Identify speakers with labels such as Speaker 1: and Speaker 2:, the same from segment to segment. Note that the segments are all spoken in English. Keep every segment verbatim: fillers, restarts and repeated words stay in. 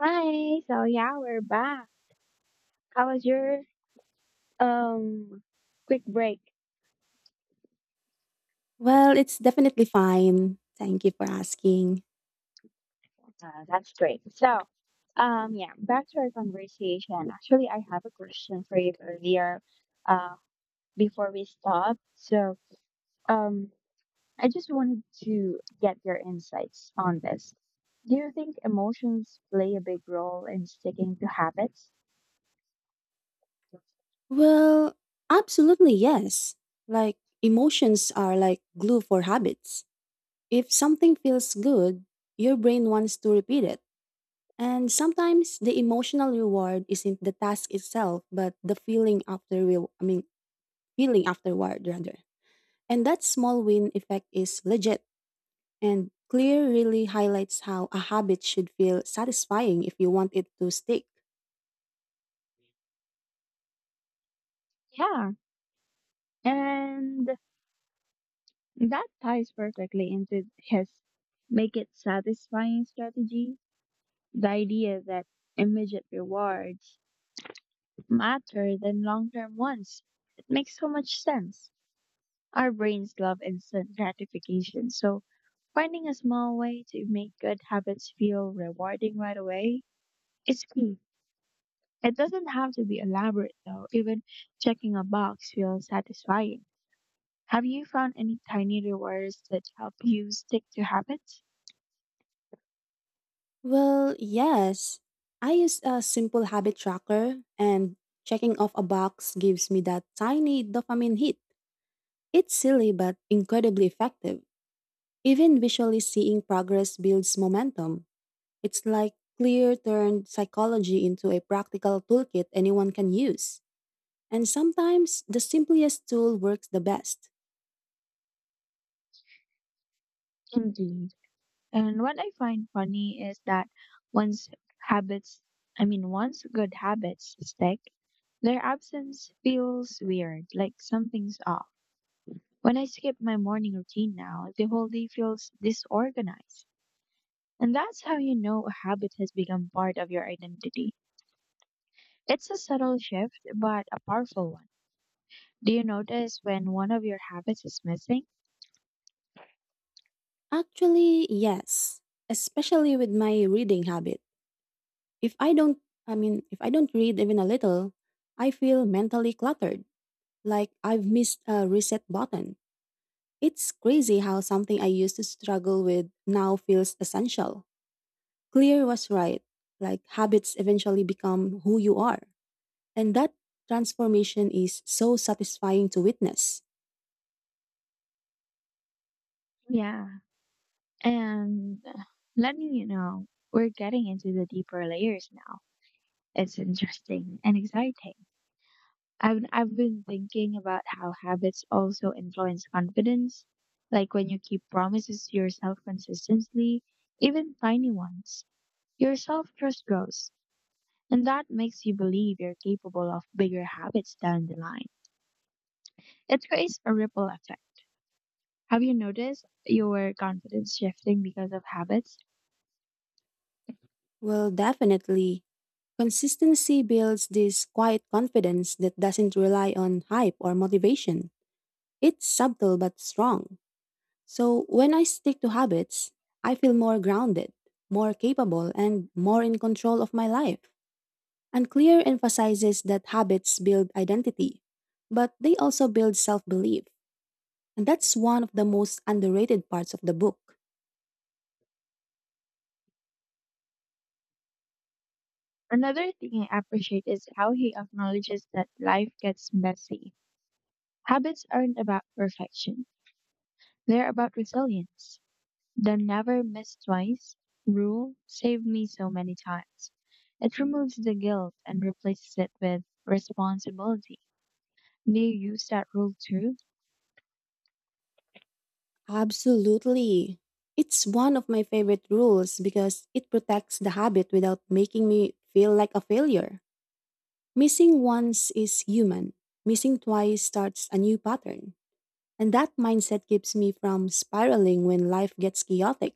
Speaker 1: Hi. So yeah, we're back. How was your um quick break?
Speaker 2: Well, it's definitely fine. Thank you for asking.
Speaker 1: Uh, that's great. So um yeah, back to our conversation. Actually, I have a question for you earlier. Uh, before we stop. So um, I just wanted to get your insights on this. Do you think emotions play a big role in sticking to habits?
Speaker 2: Well, absolutely yes. Like, emotions are like glue for habits. If something feels good, your brain wants to repeat it. And sometimes the emotional reward isn't the task itself, but the feeling after re- I mean, feeling afterward rather. And that small win effect is legit and clear really highlights how a habit should feel satisfying if you want it to stick.
Speaker 1: Yeah. And that ties perfectly into his make it satisfying strategy. The idea that immediate rewards matter than long term ones. It makes so much sense. Our brains love instant gratification, so finding a small way to make good habits feel rewarding right away is key. It doesn't have to be elaborate though, even checking a box feels satisfying. Have you found any tiny rewards that help you stick to habits?
Speaker 2: Well, yes. I use a simple habit tracker, and checking off a box gives me that tiny dopamine hit. It's silly but incredibly effective. Even visually seeing progress builds momentum. It's like clear turned psychology into a practical toolkit anyone can use. And sometimes the simplest tool works the best.
Speaker 1: Indeed. And what I find funny is that once habits, I mean, once good habits stick, their absence feels weird, like something's off. When I skip my morning routine now, the whole day feels disorganized. And that's how you know a habit has become part of your identity. It's a subtle shift, but a powerful one. Do you notice when one of your habits is missing?
Speaker 2: Actually, yes, especially with my reading habit. If I don't, I mean, if I don't read even a little, I feel mentally cluttered, like I've missed a reset button. It's crazy how something I used to struggle with now feels essential. Clear was right. Like habits eventually become who you are. And that transformation is so satisfying to witness.
Speaker 1: Yeah. And uh, letting you know, we're getting into the deeper layers now. It's interesting and exciting. I've, I've been thinking about how habits also influence confidence, like when you keep promises to yourself consistently, even tiny ones, your self trust grows, and that makes you believe you're capable of bigger habits down the line. It creates a ripple effect. Have you noticed your confidence shifting because of habits?
Speaker 2: Well, definitely. Consistency builds this quiet confidence that doesn't rely on hype or motivation. It's subtle but strong. So when I stick to habits, I feel more grounded, more capable, and more in control of my life. And Clear emphasizes that habits build identity, but they also build self belief. And that's one of the most underrated parts of the book.
Speaker 1: Another thing I appreciate is how he acknowledges that life gets messy. Habits aren't about perfection. They're about resilience. The never miss twice rule saved me so many times. It removes the guilt and replaces it with responsibility. Do you use that rule too?
Speaker 2: Absolutely. It's one of my favorite rules because it protects the habit without making me feel like a failure. Missing once is human, missing twice starts a new pattern. And that mindset keeps me from spiraling when life gets chaotic.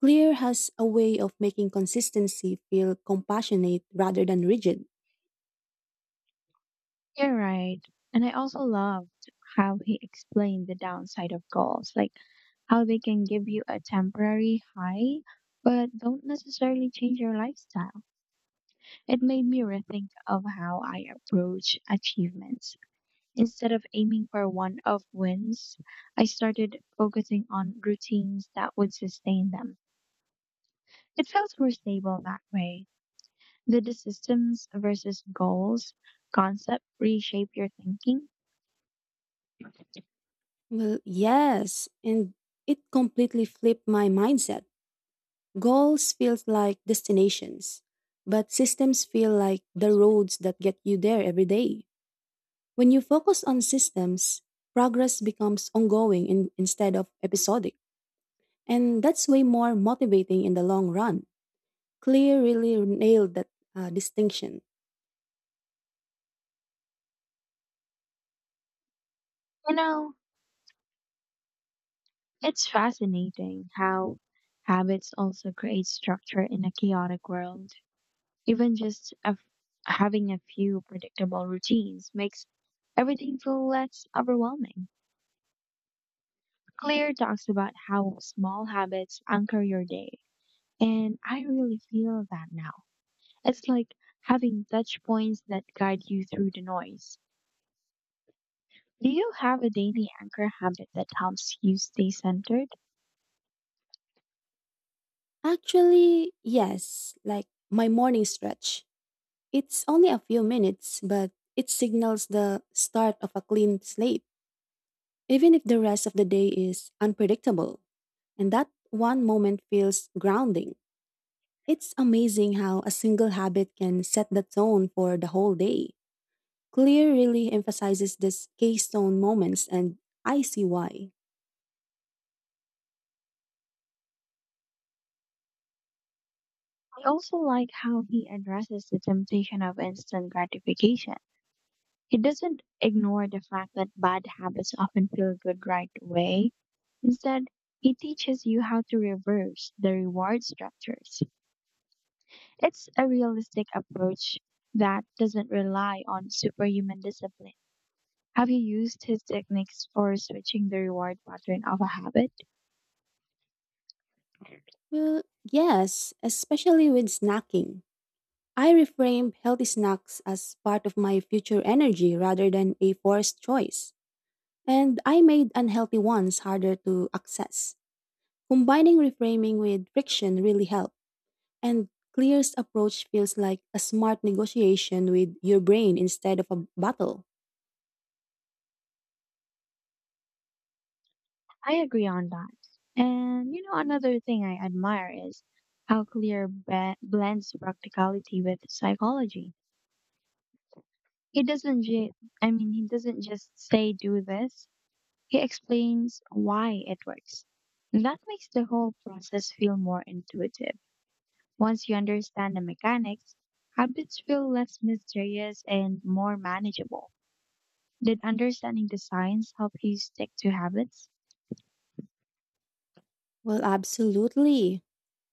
Speaker 2: Clear has a way of making consistency feel compassionate rather than rigid.
Speaker 1: You're right. And I also loved how he explained the downside of goals, like how they can give you a temporary high, but don't necessarily change your lifestyle. It made me rethink of how I approach achievements. Instead of aiming for one off wins, I started focusing on routines that would sustain them. It felt more stable that way. Did the systems versus goals concept reshape your thinking?
Speaker 2: Well, yes, and it completely flipped my mindset. Goals feels like destinations, but systems feel like the roads that get you there every day. When you focus on systems, progress becomes ongoing in, instead of episodic, and that's way more motivating in the long run. Clear really nailed that uh, distinction.
Speaker 1: You know, it's fascinating how habits also create structure in a chaotic world. Even just a f- Having a few predictable routines makes everything feel less overwhelming. Claire talks about how small habits anchor your day. And I really feel that now. It's like having touch points that guide you through the noise. Do you have a daily anchor habit that helps you stay centered?
Speaker 2: Actually, yes, like my morning stretch. It's only a few minutes, but it signals the start of a clean slate, even if the rest of the day is unpredictable. And that one moment feels grounding. It's amazing how a single habit can set the tone for the whole day. Clear really emphasizes these keystone moments, and I see why.
Speaker 1: I also like how he addresses the temptation of instant gratification. He doesn't ignore the fact that bad habits often feel good right away. Instead, he teaches you how to reverse the reward structures. It's a realistic approach that doesn't rely on superhuman discipline. Have you used his techniques for switching the reward pattern of a habit?
Speaker 2: Well, yes, especially with snacking. I reframe healthy snacks as part of my future energy rather than a forced choice. And I made unhealthy ones harder to access. Combining reframing with friction really helped. And Clear's approach feels like a smart negotiation with your brain instead of a battle.
Speaker 1: I agree on that. And you know, another thing I admire is how clear be- blends practicality with psychology. He doesn't, ju- I mean, He doesn't just say do this. He explains why it works. And that makes the whole process feel more intuitive. Once you understand the mechanics, habits feel less mysterious and more manageable. Did understanding the science help you stick to habits?
Speaker 2: Well, absolutely.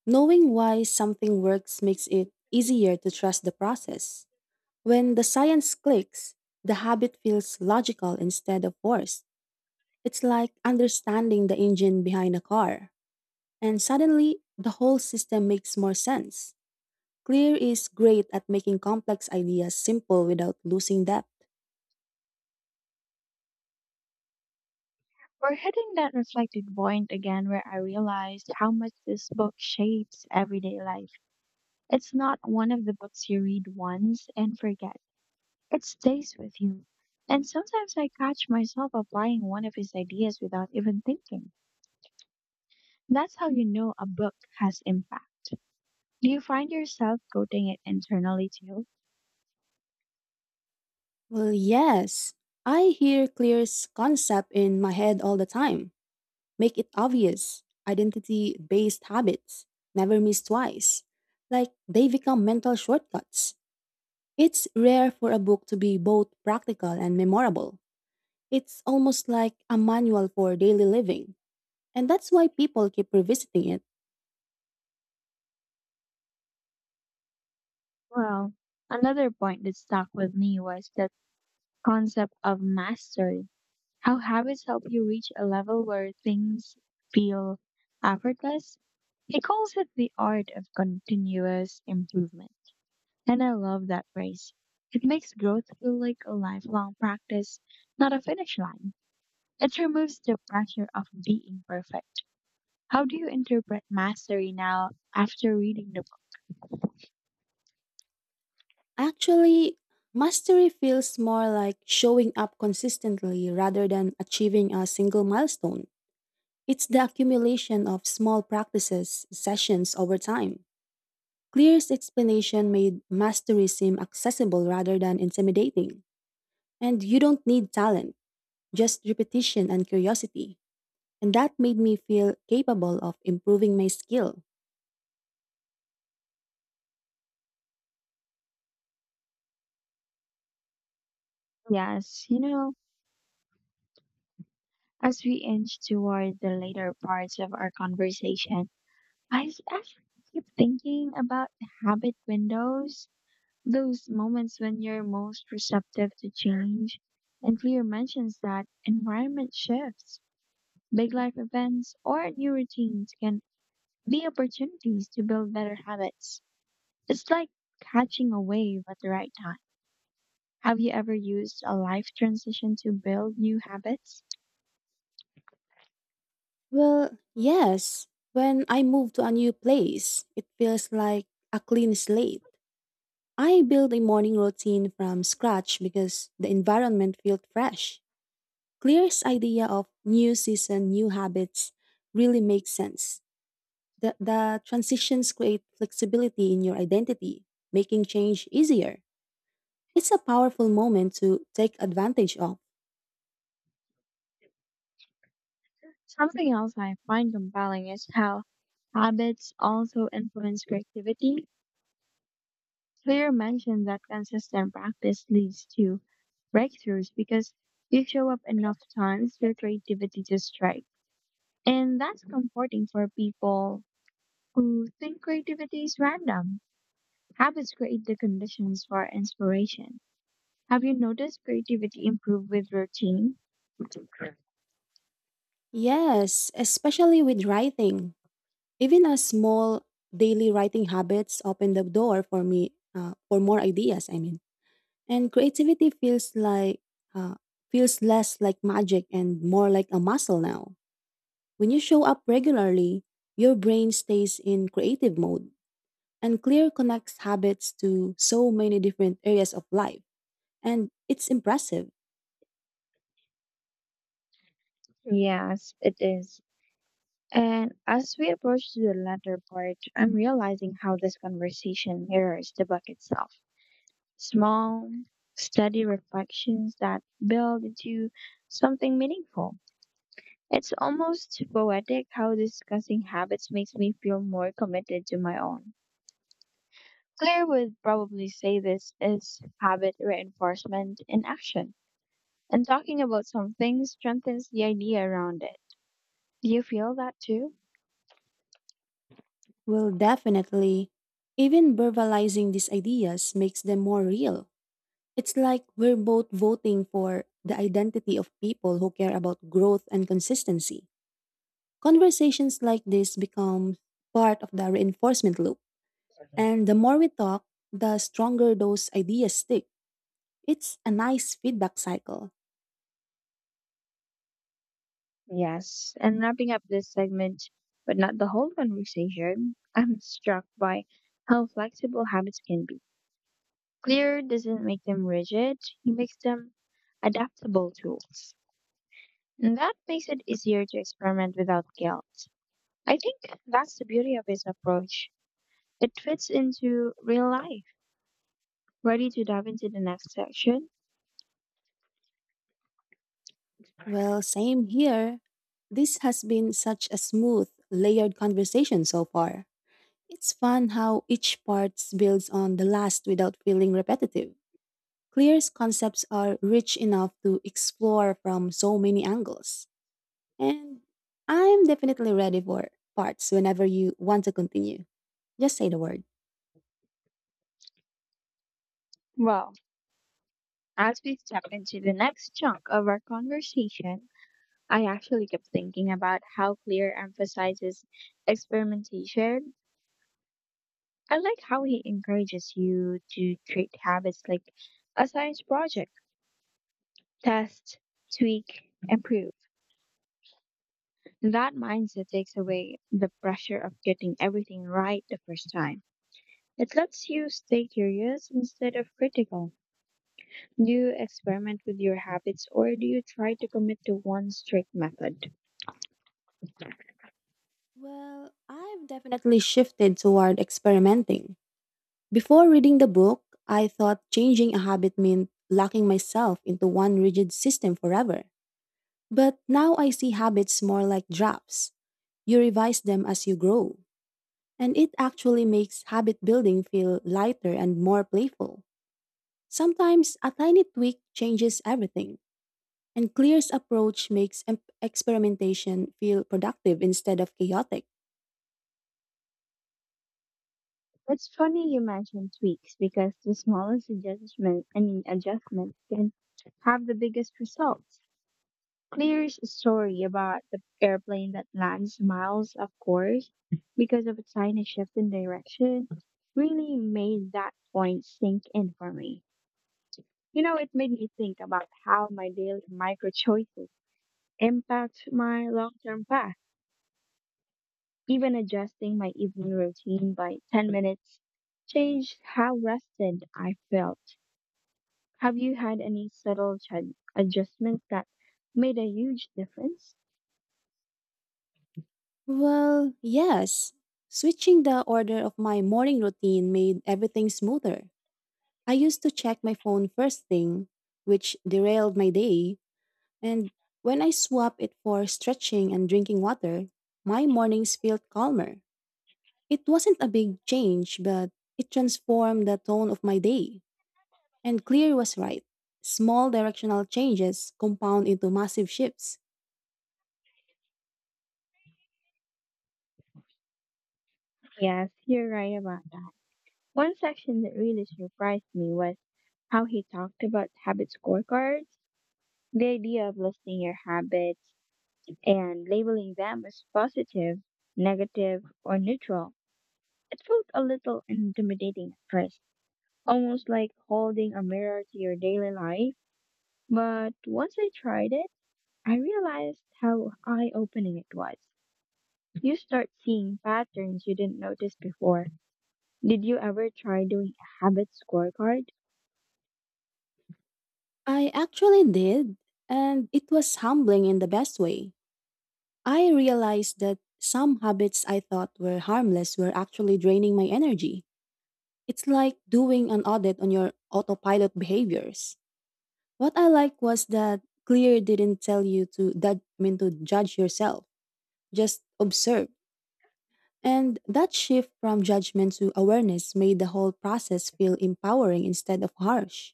Speaker 2: Knowing why something works makes it easier to trust the process. When the science clicks, the habit feels logical instead of forced. It's like understanding the engine behind a car. And suddenly, the whole system makes more sense. Clear is great at making complex ideas simple without losing depth.
Speaker 1: We're hitting that reflected point again where I realized how much this book shapes everyday life. It's not one of the books you read once and forget. It stays with you. And sometimes I catch myself applying one of his ideas without even thinking. That's how you know a book has impact. Do you find yourself quoting it internally too?
Speaker 2: Well, yes. I hear Clear's concept in my head all the time. Make it obvious. Identity based habits. Never miss twice. Like they become mental shortcuts. It's rare for a book to be both practical and memorable. It's almost like a manual for daily living. And that's why people keep revisiting it.
Speaker 1: Well, another point that stuck with me was that concept of mastery. How habits help you reach a level where things feel effortless. He calls it the art of continuous improvement. And I love that phrase. It makes growth feel like a lifelong practice, not a finish line. It removes the pressure of being perfect. How do you interpret mastery now after reading the book?
Speaker 2: Actually, mastery feels more like showing up consistently rather than achieving a single milestone. It's the accumulation of small practices, sessions over time. Clear's explanation made mastery seem accessible rather than intimidating. And you don't need talent, just repetition and curiosity. And that made me feel capable of improving my skill.
Speaker 1: Yes, you know, as we inch toward the later parts of our conversation, I s- actually keep thinking about the habit windows, those moments when you're most receptive to change. And Clear mentions that environment shifts, big life events, or new routines can be opportunities to build better habits. It's like catching a wave at the right time. Have you ever used a life transition to build new habits?
Speaker 2: Well, yes. When I move to a new place, it feels like a clean slate. I build a morning routine from scratch because the environment felt fresh. Clear's idea of new season, new habits really makes sense. The, the transitions create flexibility in your identity, making change easier. It's a powerful moment to take advantage of.
Speaker 1: Something else I find compelling is how habits also influence creativity. Clear mentioned that consistent practice leads to breakthroughs because you show up enough times for creativity to strike. And that's comforting for people who think creativity is random. Habits create the conditions for inspiration. Have you noticed creativity improve with routine?
Speaker 2: Yes, especially with writing. Even a small daily writing habits open the door for me uh, for more ideas. I mean, And creativity feels like uh, feels less like magic and more like a muscle now. When you show up regularly, your brain stays in creative mode, and clear connects habits to so many different areas of life, and it's impressive.
Speaker 1: Yes, it is. And as we approach the latter part, I'm realizing how this conversation mirrors the book itself. Small, steady reflections that build into something meaningful. It's almost poetic how discussing habits makes me feel more committed to my own. Claire would probably say this is habit reinforcement in action. And talking about something strengthens the idea around it. Do you feel that too?
Speaker 2: Well, definitely, even verbalizing these ideas makes them more real. It's like we're both voting for the identity of people who care about growth and consistency. Conversations like this become part of the reinforcement loop. And the more we talk, the stronger those ideas stick. It's a nice feedback cycle.
Speaker 1: Yes, and wrapping up this segment, but not the whole conversation, I'm struck by how flexible habits can be. Clear doesn't make them rigid, it makes them adaptable tools. And that makes it easier to experiment without guilt. I think that's the beauty of his approach. It fits into real life. Ready to dive into the next section?
Speaker 2: Well, same here. This has been such a smooth, layered conversation so far. It's fun how each part builds on the last without feeling repetitive. Clear's concepts are rich enough to explore from so many angles. And I'm definitely ready for parts whenever you want to continue. Just say the word.
Speaker 1: Well, as we step into the next chunk of our conversation, I actually kept thinking about how Clear emphasizes experimentation. I like how he encourages you to treat habits like a science project, test, tweak, improve. That mindset takes away the pressure of getting everything right the first time. It lets you stay curious instead of critical. Do you experiment with your habits or do you try to commit to one strict method?
Speaker 2: Well, I've definitely shifted toward experimenting. Before reading the book, I thought changing a habit meant locking myself into one rigid system forever. But now I see habits more like drafts. You revise them as you grow. And it actually makes habit building feel lighter and more playful. Sometimes a tiny tweak changes everything, and Clear's approach makes em- experimentation feel productive instead of chaotic.
Speaker 1: It's funny you mentioned tweaks because the smallest adjustment, I mean adjustment, can have the biggest results. Clear's story about the airplane that lands miles off course because of a tiny shift in direction really made that point sink in for me. You know, it made me think about how my daily micro choices impact my long term path. Even adjusting my evening routine by ten minutes changed how rested I felt. Have you had any subtle ch- adjustments that made a huge difference?
Speaker 2: Well, yes. Switching the order of my morning routine made everything smoother. I used to check my phone first thing, which derailed my day, and when I swapped it for stretching and drinking water, my mornings felt calmer. It wasn't a big change, but it transformed the tone of my day. And Clear was right. Small directional changes compound into massive shifts.
Speaker 1: Yes, you're right about that. One section that really surprised me was how he talked about habit scorecards. The idea of listing your habits and labeling them as positive, negative, or neutral. It felt a little intimidating at first, almost like holding a mirror to your daily life. But once I tried it, I realized how eye opening it was. You start seeing patterns you didn't notice before. Did you ever try doing a habit scorecard?
Speaker 2: I actually did, and it was humbling in the best way. I realized that some habits I thought were harmless were actually draining my energy. It's like doing an audit on your autopilot behaviors. What I like was that Clear didn't tell you to, that, I mean, to judge yourself, just observe. And that shift from judgment to awareness made the whole process feel empowering instead of harsh.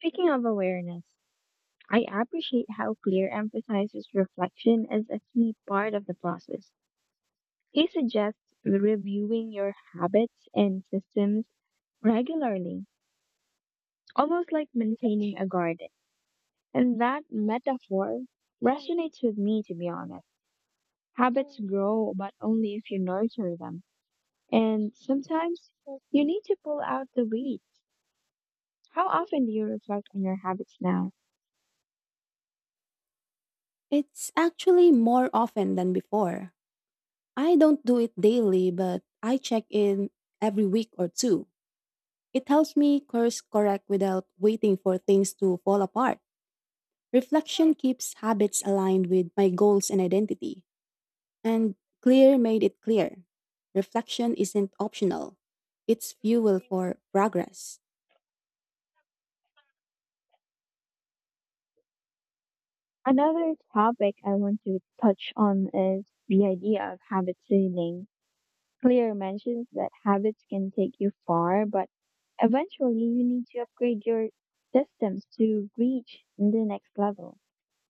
Speaker 1: Speaking of awareness, I appreciate how Clear emphasizes reflection as a key part of the process. He suggests reviewing your habits and systems regularly, almost like maintaining a garden. And that metaphor resonates with me, to be honest. Habits grow, but only if you nurture them. And sometimes you need to pull out the weeds. How often do you reflect on your habits now?
Speaker 2: It's actually more often than before. I don't do it daily, but I check in every week or two. It helps me course correct without waiting for things to fall apart. Reflection keeps habits aligned with my goals and identity. And clear made it clear. Reflection isn't optional, it's fuel for progress.
Speaker 1: Another topic I want to touch on is the idea of habit seasoning. Clear mentions that habits can take you far, but eventually you need to upgrade your systems to reach the next level.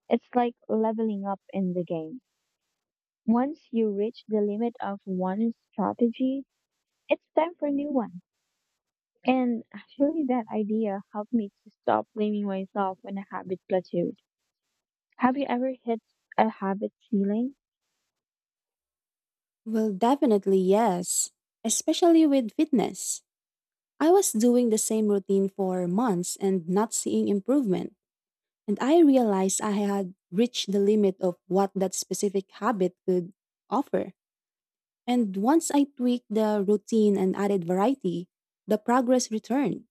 Speaker 1: It's like leveling up in the game. Once you reach the limit of one strategy, it's time for a new one. And actually, that idea helped me to stop blaming myself when a habit plateaus. Have you ever hit a habit ceiling?
Speaker 2: Well, definitely yes, especially with fitness. I was doing the same routine for months and not seeing improvement, and I realized I had reached the limit of what that specific habit could offer. And once I tweaked the routine and added variety, the progress returned.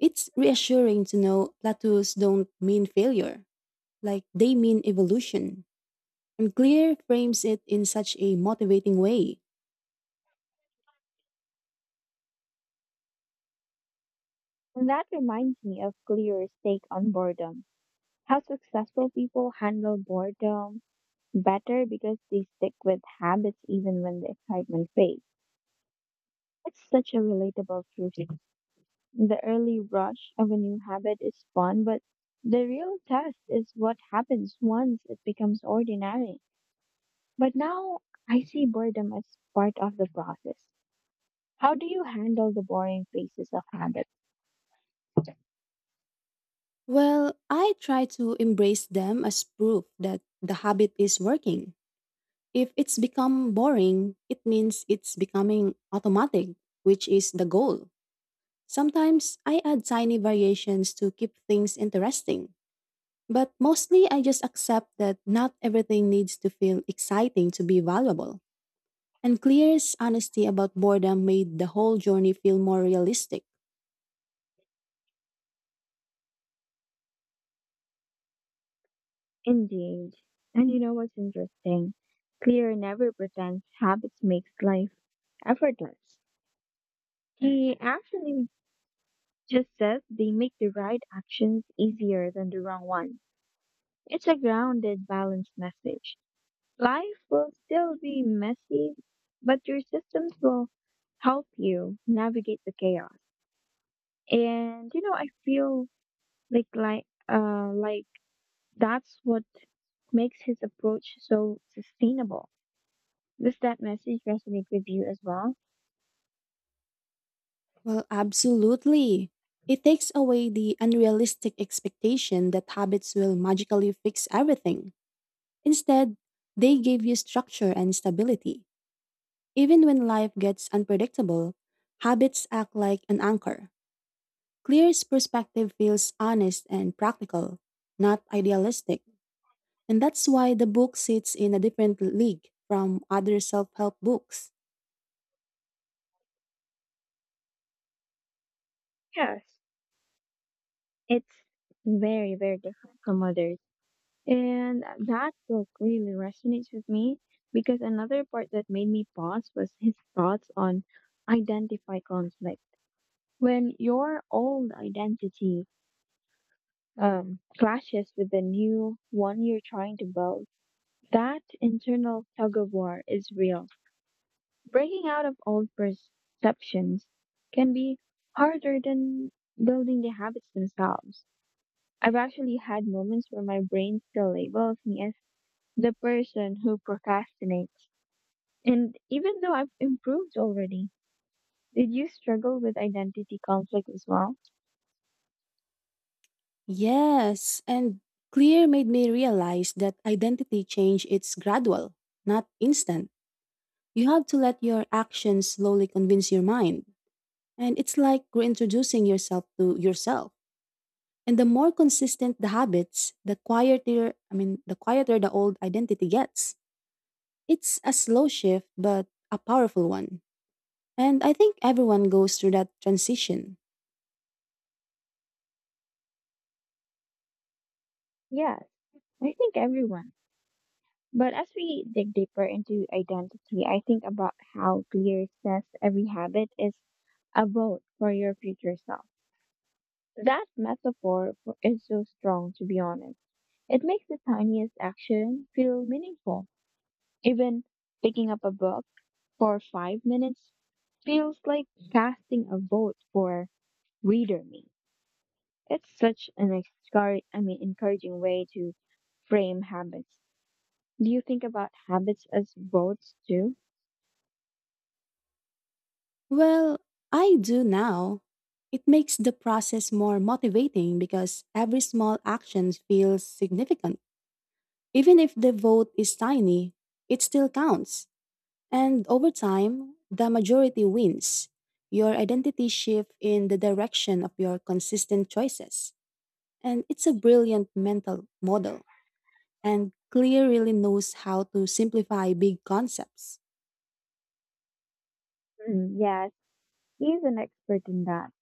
Speaker 2: It's reassuring to know plateaus don't mean failure, like they mean evolution. And Clear frames it in such a motivating way.
Speaker 1: And that reminds me of Clear's take on boredom. How successful people handle boredom better because they stick with habits even when the excitement fades. It's such a relatable truth. The early rush of a new habit is fun, but the real test is what happens once it becomes ordinary. But now I see boredom as part of the process. How do you handle the boring phases of habits?
Speaker 2: Well, I try to embrace them as proof that the habit is working. If it's become boring, it means it's becoming automatic, which is the goal. Sometimes I add tiny variations to keep things interesting. But mostly I just accept that not everything needs to feel exciting to be valuable. And Clear's honesty about boredom made the whole journey feel more realistic.
Speaker 1: Indeed. And you know what's interesting? Clear never pretends habits makes life effortless. He actually just says they make the right actions easier than the wrong one. It's a grounded, balanced message. Life will still be messy, but your systems will help you navigate the chaos. And you know, I feel like like uh like that's what makes his approach so sustainable. Does that message resonate with you as well?
Speaker 2: Well, absolutely. It takes away the unrealistic expectation that habits will magically fix everything. Instead, they give you structure and stability. Even when life gets unpredictable, habits act like an anchor. Clear's perspective feels honest and practical, not idealistic. And that's why the book sits in a different league from other self help books.
Speaker 1: Yes. It's very, very different from others. And that book really resonates with me because another part that made me pause was his thoughts on identify conflict. When your old identity um, clashes with the new one you're trying to build, that internal tug of war is real. Breaking out of old perceptions can be harder than building the habits themselves. I've actually had moments where my brain still labels me as the person who procrastinates. And even though I've improved already, did you struggle with identity conflict as well?
Speaker 2: Yes, and Clear made me realize that identity change it's gradual, not instant. You have to let your actions slowly convince your mind. And it's like reintroducing yourself to yourself. And the more consistent the habits, the quieter, I mean, the quieter the old identity gets. It's a slow shift, but a powerful one. And I think everyone goes through that transition.
Speaker 1: Yes, I think everyone. But as we dig deeper into identity, I think about how clear says every habit is a vote for your future self. That metaphor for- is so strong, to be honest. It makes the tiniest action feel meaningful. Even picking up a book for five minutes feels like casting a vote for reader me. It's such an excar- I mean, encouraging way to frame habits. Do you think about habits as votes too?
Speaker 2: Well, I do now. It makes the process more motivating because every small action feels significant. Even if the vote is tiny, it still counts. And over time, the majority wins. Your identity shifts in the direction of your consistent choices. And it's a brilliant mental model. And Clear really knows how to simplify big concepts.
Speaker 1: Mm, yes, he's an expert in that.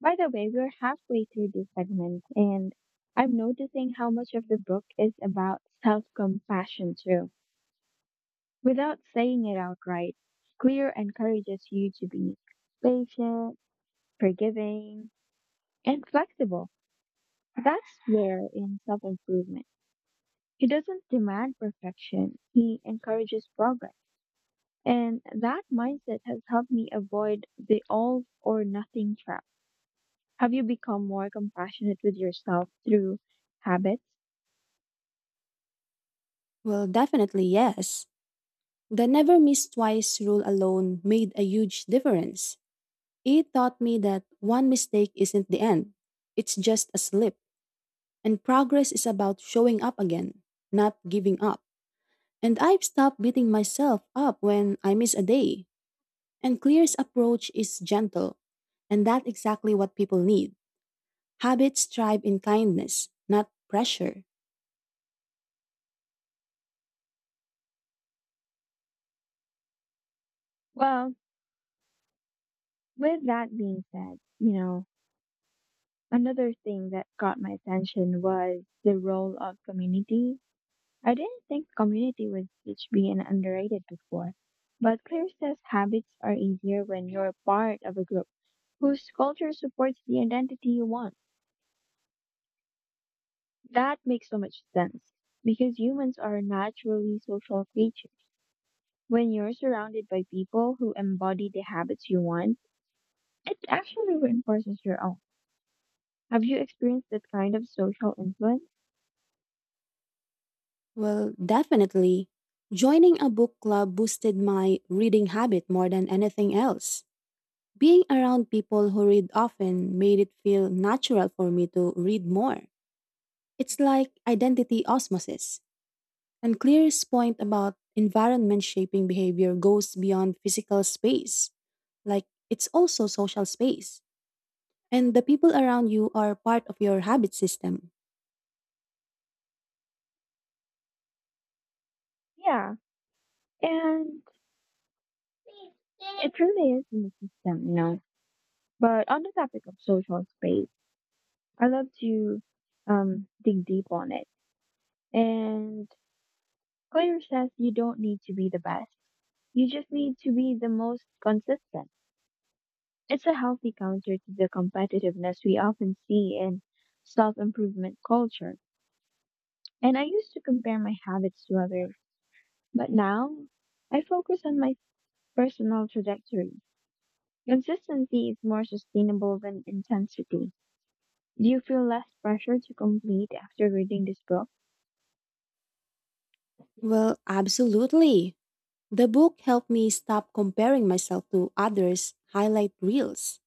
Speaker 1: By the way, we're halfway through this segment, and I'm noticing how much of the book is about self compassion, too. Without saying it outright, Clear encourages you to be patient, forgiving, and flexible. That's rare in self improvement. He doesn't demand perfection, he encourages progress. And that mindset has helped me avoid the all or nothing trap. Have you become more compassionate with yourself through habits?
Speaker 2: Well, definitely yes. The never miss twice rule alone made a huge difference. It taught me that one mistake isn't the end, it's just a slip, and progress is about showing up again, not giving up. And I've stopped beating myself up when I miss a day. And Clear's approach is gentle, and that's exactly what people need. Habits thrive in kindness, not pressure.
Speaker 1: Well, with that being said, you know, another thing that got my attention was the role of community. I didn't think community was such being underrated before, but Claire says habits are easier when you're part of a group whose culture supports the identity you want. That makes so much sense because humans are naturally social creatures. When you're surrounded by people who embody the habits you want, it actually reinforces your own. Have you experienced that kind of social influence?
Speaker 2: Well, definitely. Joining a book club boosted my reading habit more than anything else. Being around people who read often made it feel natural for me to read more. It's like identity osmosis. And Clear's point about environment shaping behavior goes beyond physical space. Like, it's also social space. And the people around you are part of your habit system.
Speaker 1: Yeah. And it really is in the system, you know. But on the topic of social space, I love to um, dig deep on it. And Claire says you don't need to be the best. You just need to be the most consistent. It's a healthy counter to the competitiveness we often see in self improvement culture. And I used to compare my habits to others, but now I focus on my personal trajectory. Consistency is more sustainable than intensity. Do you feel less pressure to complete after reading this book?
Speaker 2: Well, absolutely. The book helped me stop comparing myself to others, highlight reels.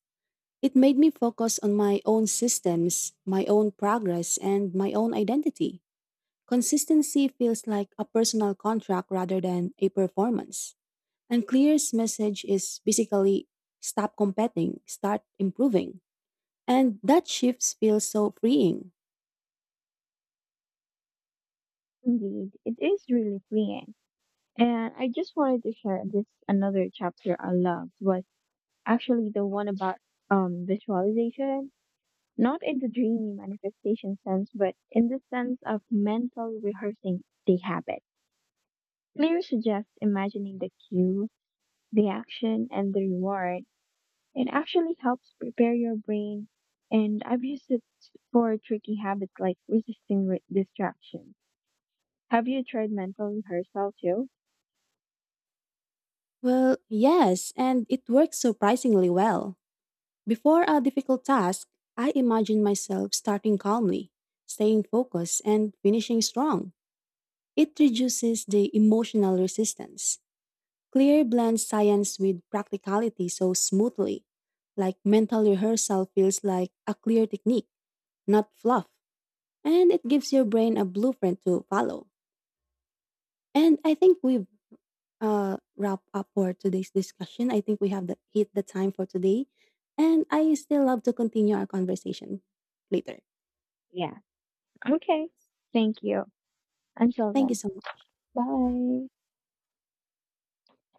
Speaker 2: It made me focus on my own systems, my own progress, and my own identity. Consistency feels like a personal contract rather than a performance. And Clear's message is basically stop competing, start improving. And that shift feels so freeing.
Speaker 1: Indeed, it is really freeing. And I just wanted to share this another chapter I loved was actually the one about um visualization. Not in the dreamy manifestation sense, but in the sense of mentally rehearsing the habit. Clear suggests imagining the cue, the action, and the reward. It actually helps prepare your brain, and I've used it for tricky habits like resisting re- distraction. Have you tried mental rehearsal too?
Speaker 2: Well, yes, and it works surprisingly well. Before a difficult task, I imagine myself starting calmly, staying focused, and finishing strong. It reduces the emotional resistance. Clear blends science with practicality so smoothly. Like mental rehearsal feels like a clear technique, not fluff. And it gives your brain a blueprint to follow. And I think we've uh, wrapped up for today's discussion. I think we have the, hit the time for today. And I still love to continue our conversation later.
Speaker 1: Yeah. Okay. Thank you. Until
Speaker 2: Thank you
Speaker 1: then,
Speaker 2: so much.
Speaker 1: bye.